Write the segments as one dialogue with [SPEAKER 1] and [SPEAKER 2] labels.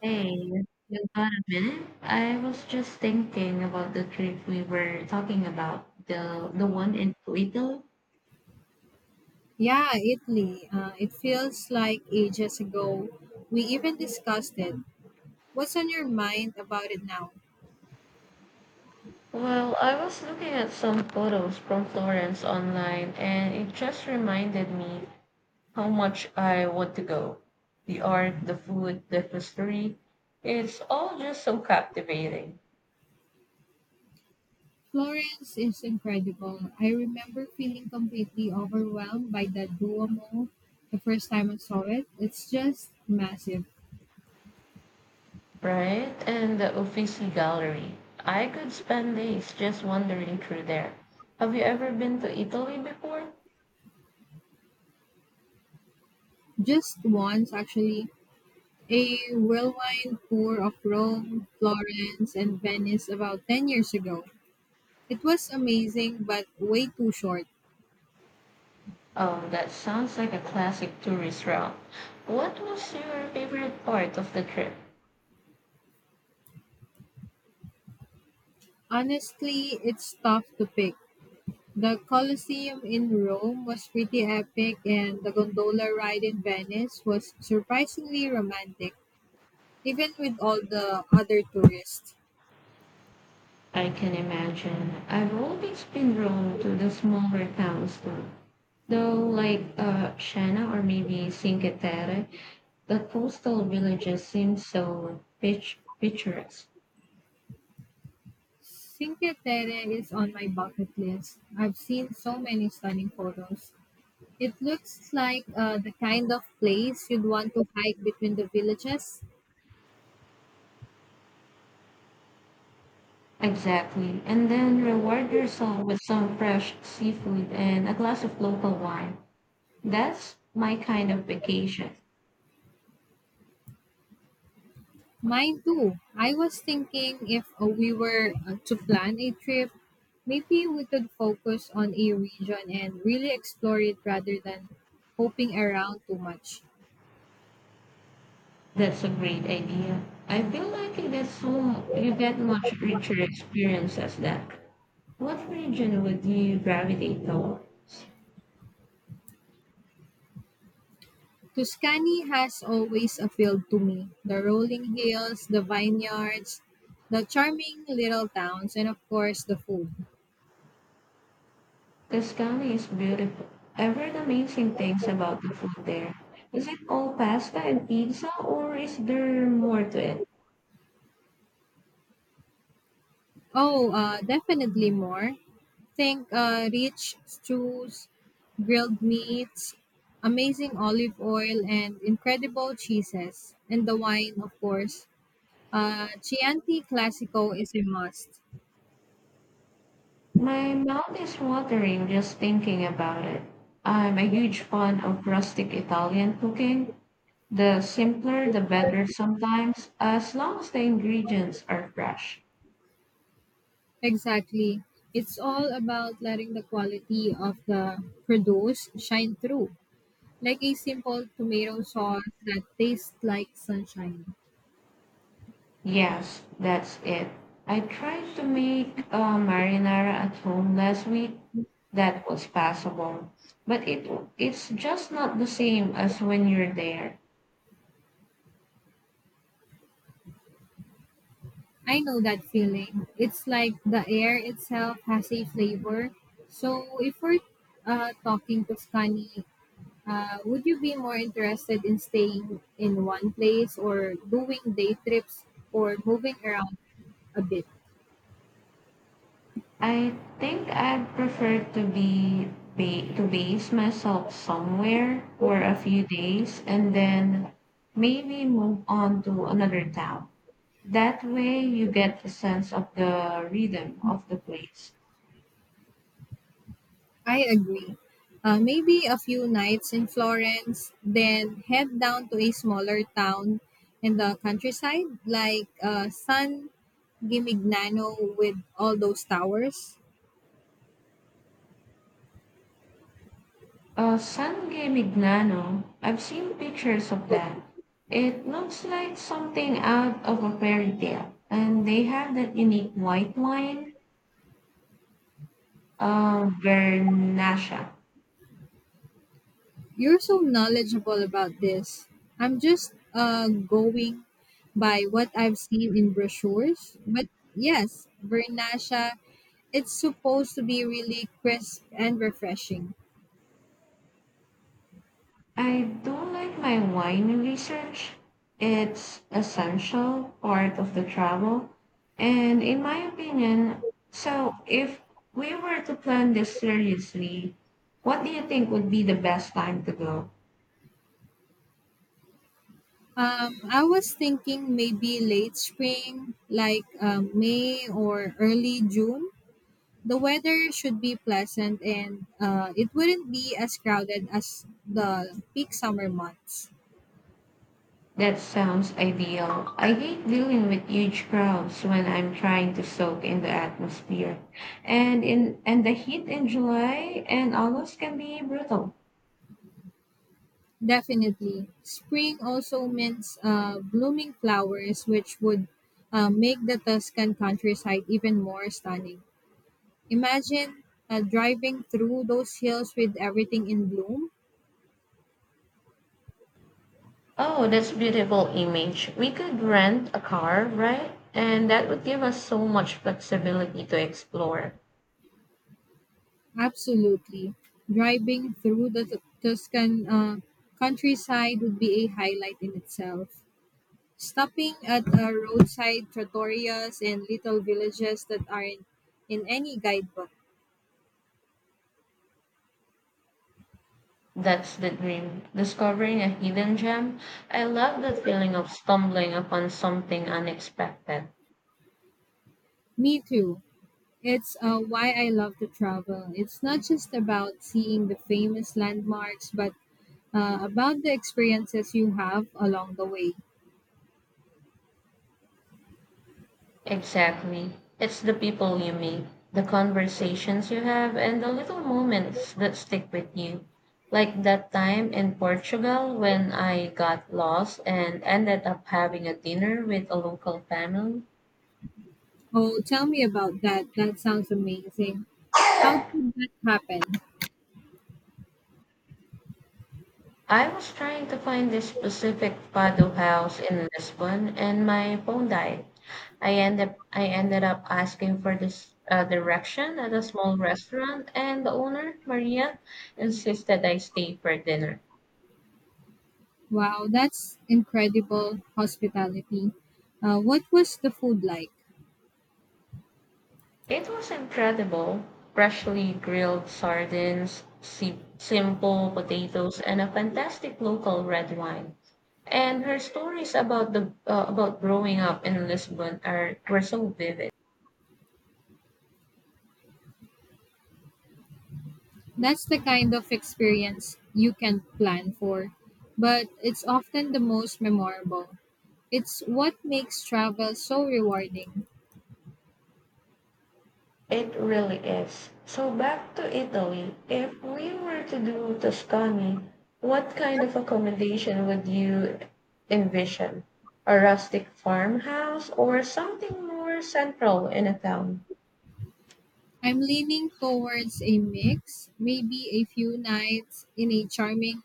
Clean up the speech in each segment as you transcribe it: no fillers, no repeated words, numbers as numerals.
[SPEAKER 1] Hey, you got a minute? I was just thinking about the trip we were talking about, the one in Italy.
[SPEAKER 2] Yeah, Italy. It feels like ages ago. We even discussed it. What's on your mind about it now?
[SPEAKER 1] Well, I was looking at some photos from Florence online and it just reminded me how much I want to go. The art, the food, the history, it's all just so captivating,
[SPEAKER 2] Florence is incredible. I remember feeling completely overwhelmed by that Duomo the first time I saw it. It's just massive.
[SPEAKER 1] right? And the Uffizi Gallery. I could spend days just wandering through there. Have you ever been to Italy before?
[SPEAKER 2] Just once, actually. A whirlwind tour of Rome, Florence, and Venice about 10 years ago. It was amazing, but way too short.
[SPEAKER 1] Oh, that sounds like a classic tourist route. What was your favorite part of the trip?
[SPEAKER 2] Honestly, it's tough to pick. The Colosseum in Rome was pretty epic, and the gondola ride in Venice was surprisingly romantic, even with all the other tourists.
[SPEAKER 1] I can imagine. I've always been drawn to the smaller towns too. Though, like Shana or maybe Cinque Terre, the coastal villages seem so picturesque.
[SPEAKER 2] Cinque Terre is on my bucket list. I've seen so many stunning photos. It looks like the kind of place you'd want to hike between the villages.
[SPEAKER 1] Exactly. And then reward yourself with some fresh seafood and a glass of local wine. That's my kind of vacation.
[SPEAKER 2] Mine too. I was thinking if we were to plan a trip, maybe we could focus on a region and really explore it rather than hoping around too much.
[SPEAKER 1] That's a great idea. I feel like you get much richer experience as that. What region would you gravitate towards?
[SPEAKER 2] Tuscany has always appealed to me. The rolling hills, the vineyards, the charming little towns, and of course the food.
[SPEAKER 1] Tuscany is beautiful. I've heard amazing things about the food there. Is it all pasta and pizza, or is there more to it?
[SPEAKER 2] Oh, definitely more. Think rich stews, grilled meats, amazing olive oil, and incredible cheeses. And the wine, of course. Chianti Classico is a must.
[SPEAKER 1] My mouth is watering just thinking about it. I'm a huge fan of rustic Italian cooking. The simpler, the better sometimes, as long as the ingredients are fresh.
[SPEAKER 2] Exactly. It's all about letting the quality of the produce shine through, like a simple tomato sauce that tastes like sunshine.
[SPEAKER 1] Yes, that's it. I tried to make marinara at home last week. That was passable, but it's just not the same as when you're there.
[SPEAKER 2] I know that feeling. It's like the air itself has a flavor. So, if we're talking Tuscany, would you be more interested in staying in one place or doing day trips or moving around a bit?
[SPEAKER 1] I think I'd prefer to to base myself somewhere for a few days and then maybe move on to another town. That way, you get a sense of the rhythm of the place.
[SPEAKER 2] I agree. Maybe a few nights in Florence, then head down to a smaller town in the countryside like San Gimignano with all those towers.
[SPEAKER 1] San Gimignano. I've seen pictures of that. It looks like something out of a fairy tale, and they have that unique white wine, Vernasha.
[SPEAKER 2] You're so knowledgeable about this. I'm just going by what I've seen in brochures. But yes, Vernasha, it's supposed to be really crisp and refreshing.
[SPEAKER 1] I do like my wine research. It's essential part of the travel, and in my opinion, so if we were to plan this seriously, what do you think would be the best time to go?
[SPEAKER 2] I was thinking maybe late spring, like May or early June. The weather should be pleasant and it wouldn't be as crowded as the peak summer months.
[SPEAKER 1] That sounds ideal. I hate dealing with huge crowds when I'm trying to soak in the atmosphere. And the heat in July and August can be brutal.
[SPEAKER 2] Definitely. Spring also meant blooming flowers, which would make the Tuscan countryside even more stunning. Imagine driving through those hills with everything in bloom.
[SPEAKER 1] Oh, that's beautiful image. We could rent a car, right? And that would give us so much flexibility to explore.
[SPEAKER 2] Absolutely. Driving through the Tuscan countryside would be a highlight in itself. Stopping at roadside trattorias and little villages that aren't in any guidebook.
[SPEAKER 1] That's the dream. Discovering a hidden gem. I love the feeling of stumbling upon something unexpected.
[SPEAKER 2] Me too. It's why I love to travel. It's not just about seeing the famous landmarks, but about the experiences you have along the way.
[SPEAKER 1] Exactly. It's the people you meet, the conversations you have, and the little moments that stick with you. Like that time in Portugal when I got lost and ended up having a dinner with a local family.
[SPEAKER 2] Oh, tell me about that. That sounds amazing. How did that happen?
[SPEAKER 1] I was trying to find this specific Fado house in Lisbon and my phone died. I ended up asking for this direction at a small restaurant, and the owner, Maria, insisted I stay for dinner.
[SPEAKER 2] Wow, that's incredible hospitality. What was the food like?
[SPEAKER 1] It was incredible freshly grilled sardines, simple potatoes, and a fantastic local red wine. And her stories about the about growing up in Lisbon are were so vivid.
[SPEAKER 2] That's the kind of experience you can plan for, but it's often the most memorable. It's what makes travel so rewarding.
[SPEAKER 1] It really is. So back to Italy. If we were to do Tuscany, what kind of accommodation would you envision? A rustic farmhouse or something more central in a town?
[SPEAKER 2] I'm leaning towards a mix, maybe a few nights in a charming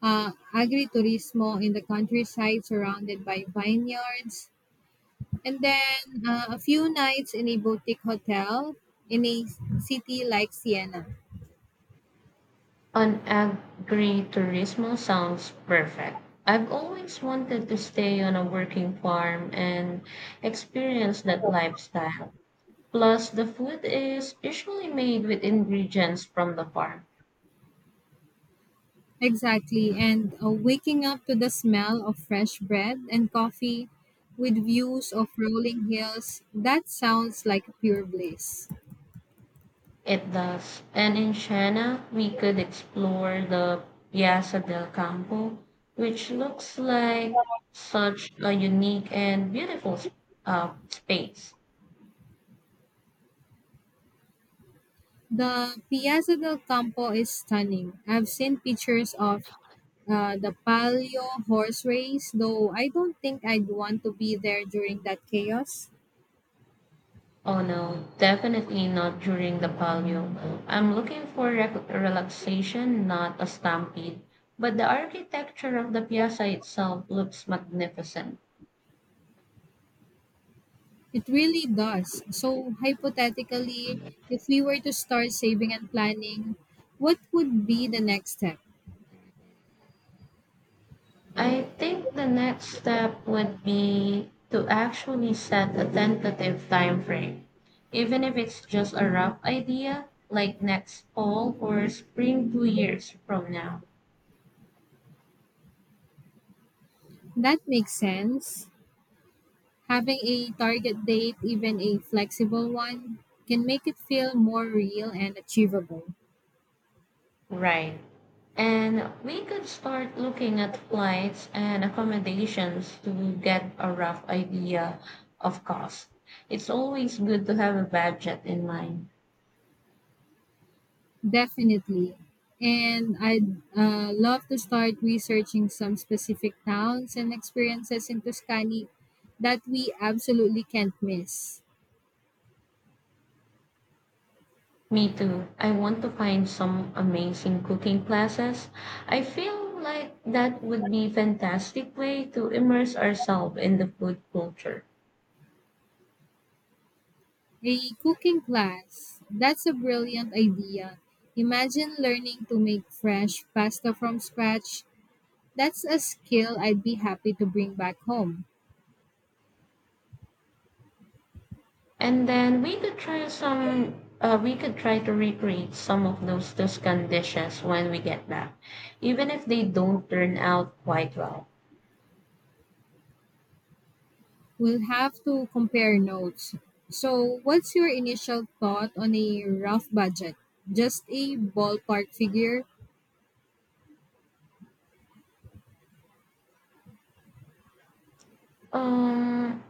[SPEAKER 2] agriturismo in the countryside surrounded by vineyards, and then a few nights in a boutique hotel in a city like Siena.
[SPEAKER 1] An agriturismo sounds perfect. I've always wanted to stay on a working farm and experience that lifestyle. Plus, the food is usually made with ingredients from the farm.
[SPEAKER 2] Exactly, and waking up to the smell of fresh bread and coffee with views of rolling hills, that sounds like pure bliss.
[SPEAKER 1] It does. And in Siena, we could explore the Piazza del Campo, which looks like such a unique and beautiful space.
[SPEAKER 2] The Piazza del Campo is stunning. I've seen pictures of the Palio horse race, though I don't think I'd want to be there during that chaos.
[SPEAKER 1] Oh no, definitely not during the Palio. I'm looking for relaxation, not a stampede. But the architecture of the piazza itself looks magnificent.
[SPEAKER 2] It really does. So, hypothetically, if we were to start saving and planning, what would be the next step?
[SPEAKER 1] I think the next step would be to actually set a tentative time frame, even if it's just a rough idea, like next fall or spring 2 years from now.
[SPEAKER 2] That makes sense. Having a target date, even a flexible one, can make it feel more real and achievable.
[SPEAKER 1] Right. And we could start looking at flights and accommodations to get a rough idea of cost. It's always good to have a budget in mind.
[SPEAKER 2] Definitely. And I'd love to start researching some specific towns and experiences in Tuscany that we absolutely can't miss.
[SPEAKER 1] Me too. I want to find some amazing cooking classes. I feel like that would be fantastic way to immerse ourselves in the food culture.
[SPEAKER 2] A cooking class. That's a brilliant idea. Imagine learning to make fresh pasta from scratch. That's a skill I'd be happy to bring back home.
[SPEAKER 1] And then we could try we could try to recreate some of those Tuscan dishes when we get back, even if they don't turn out quite well.
[SPEAKER 2] We'll have to compare notes. So, what's your initial thought on a rough budget? Just a ballpark figure?
[SPEAKER 1] Um,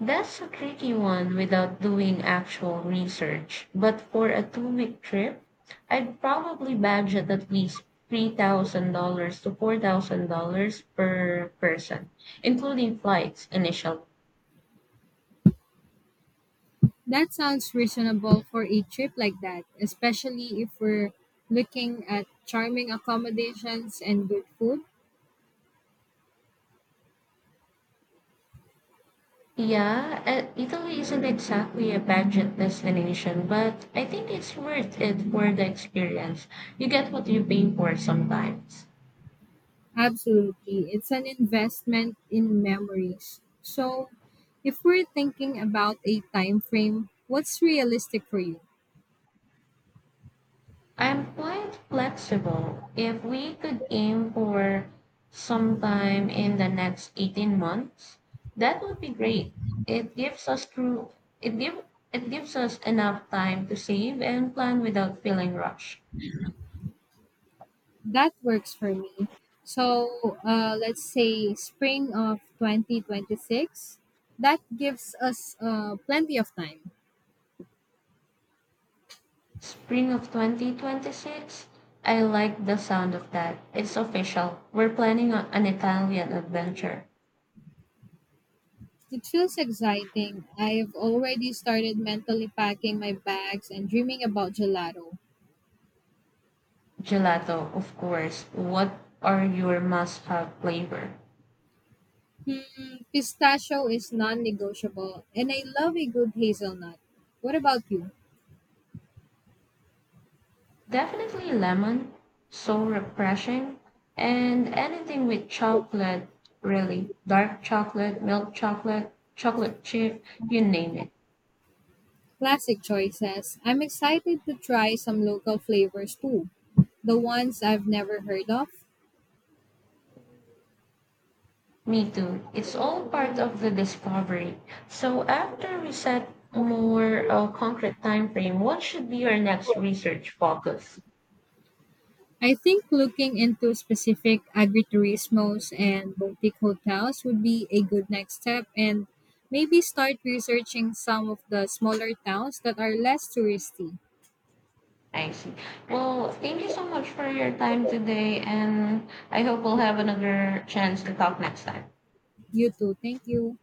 [SPEAKER 1] that's a tricky one without doing actual research. But for a two-week trip, I'd probably budget at least $3,000 to $4,000 per person, including flights, initial
[SPEAKER 2] That sounds reasonable for a trip like that, especially if we're looking at charming accommodations and good food.
[SPEAKER 1] Yeah, Italy isn't exactly a budget destination, but I think it's worth it for the experience. You get what you pay for sometimes.
[SPEAKER 2] Absolutely. It's an investment in memories. So, if we're thinking about a time frame, what's realistic for you?
[SPEAKER 1] I'm quite flexible. If we could aim for sometime in the next 18 months, that would be great. It gives us true, it give, it gives us enough time to save and plan without feeling rushed.
[SPEAKER 2] That works for me. So, let's say spring of 2026. That gives us plenty of time.
[SPEAKER 1] Spring of 2026? I like the sound of that. It's official. We're planning on an Italian adventure.
[SPEAKER 2] It feels exciting. I've already started mentally packing my bags and dreaming about gelato.
[SPEAKER 1] Gelato, of course. What are your must have flavor?
[SPEAKER 2] Hmm, pistachio is non negotiable, and I love a good hazelnut. What about you?
[SPEAKER 1] Definitely lemon. So refreshing. And anything with chocolate, really. Dark chocolate, milk chocolate, chocolate chip, you name it.
[SPEAKER 2] Classic choices. I'm excited to try some local flavors too, the ones I've never heard of.
[SPEAKER 1] Me too. It's all part of the discovery. So after we set more concrete time frame, what should be your next research focus?
[SPEAKER 2] I think looking into specific agriturismos and boutique hotels would be a good next step and maybe start researching some of the smaller towns that are less touristy.
[SPEAKER 1] I see. Well, thank you so much for your time today, and I hope we'll have another chance to talk next time.
[SPEAKER 2] You too. Thank you.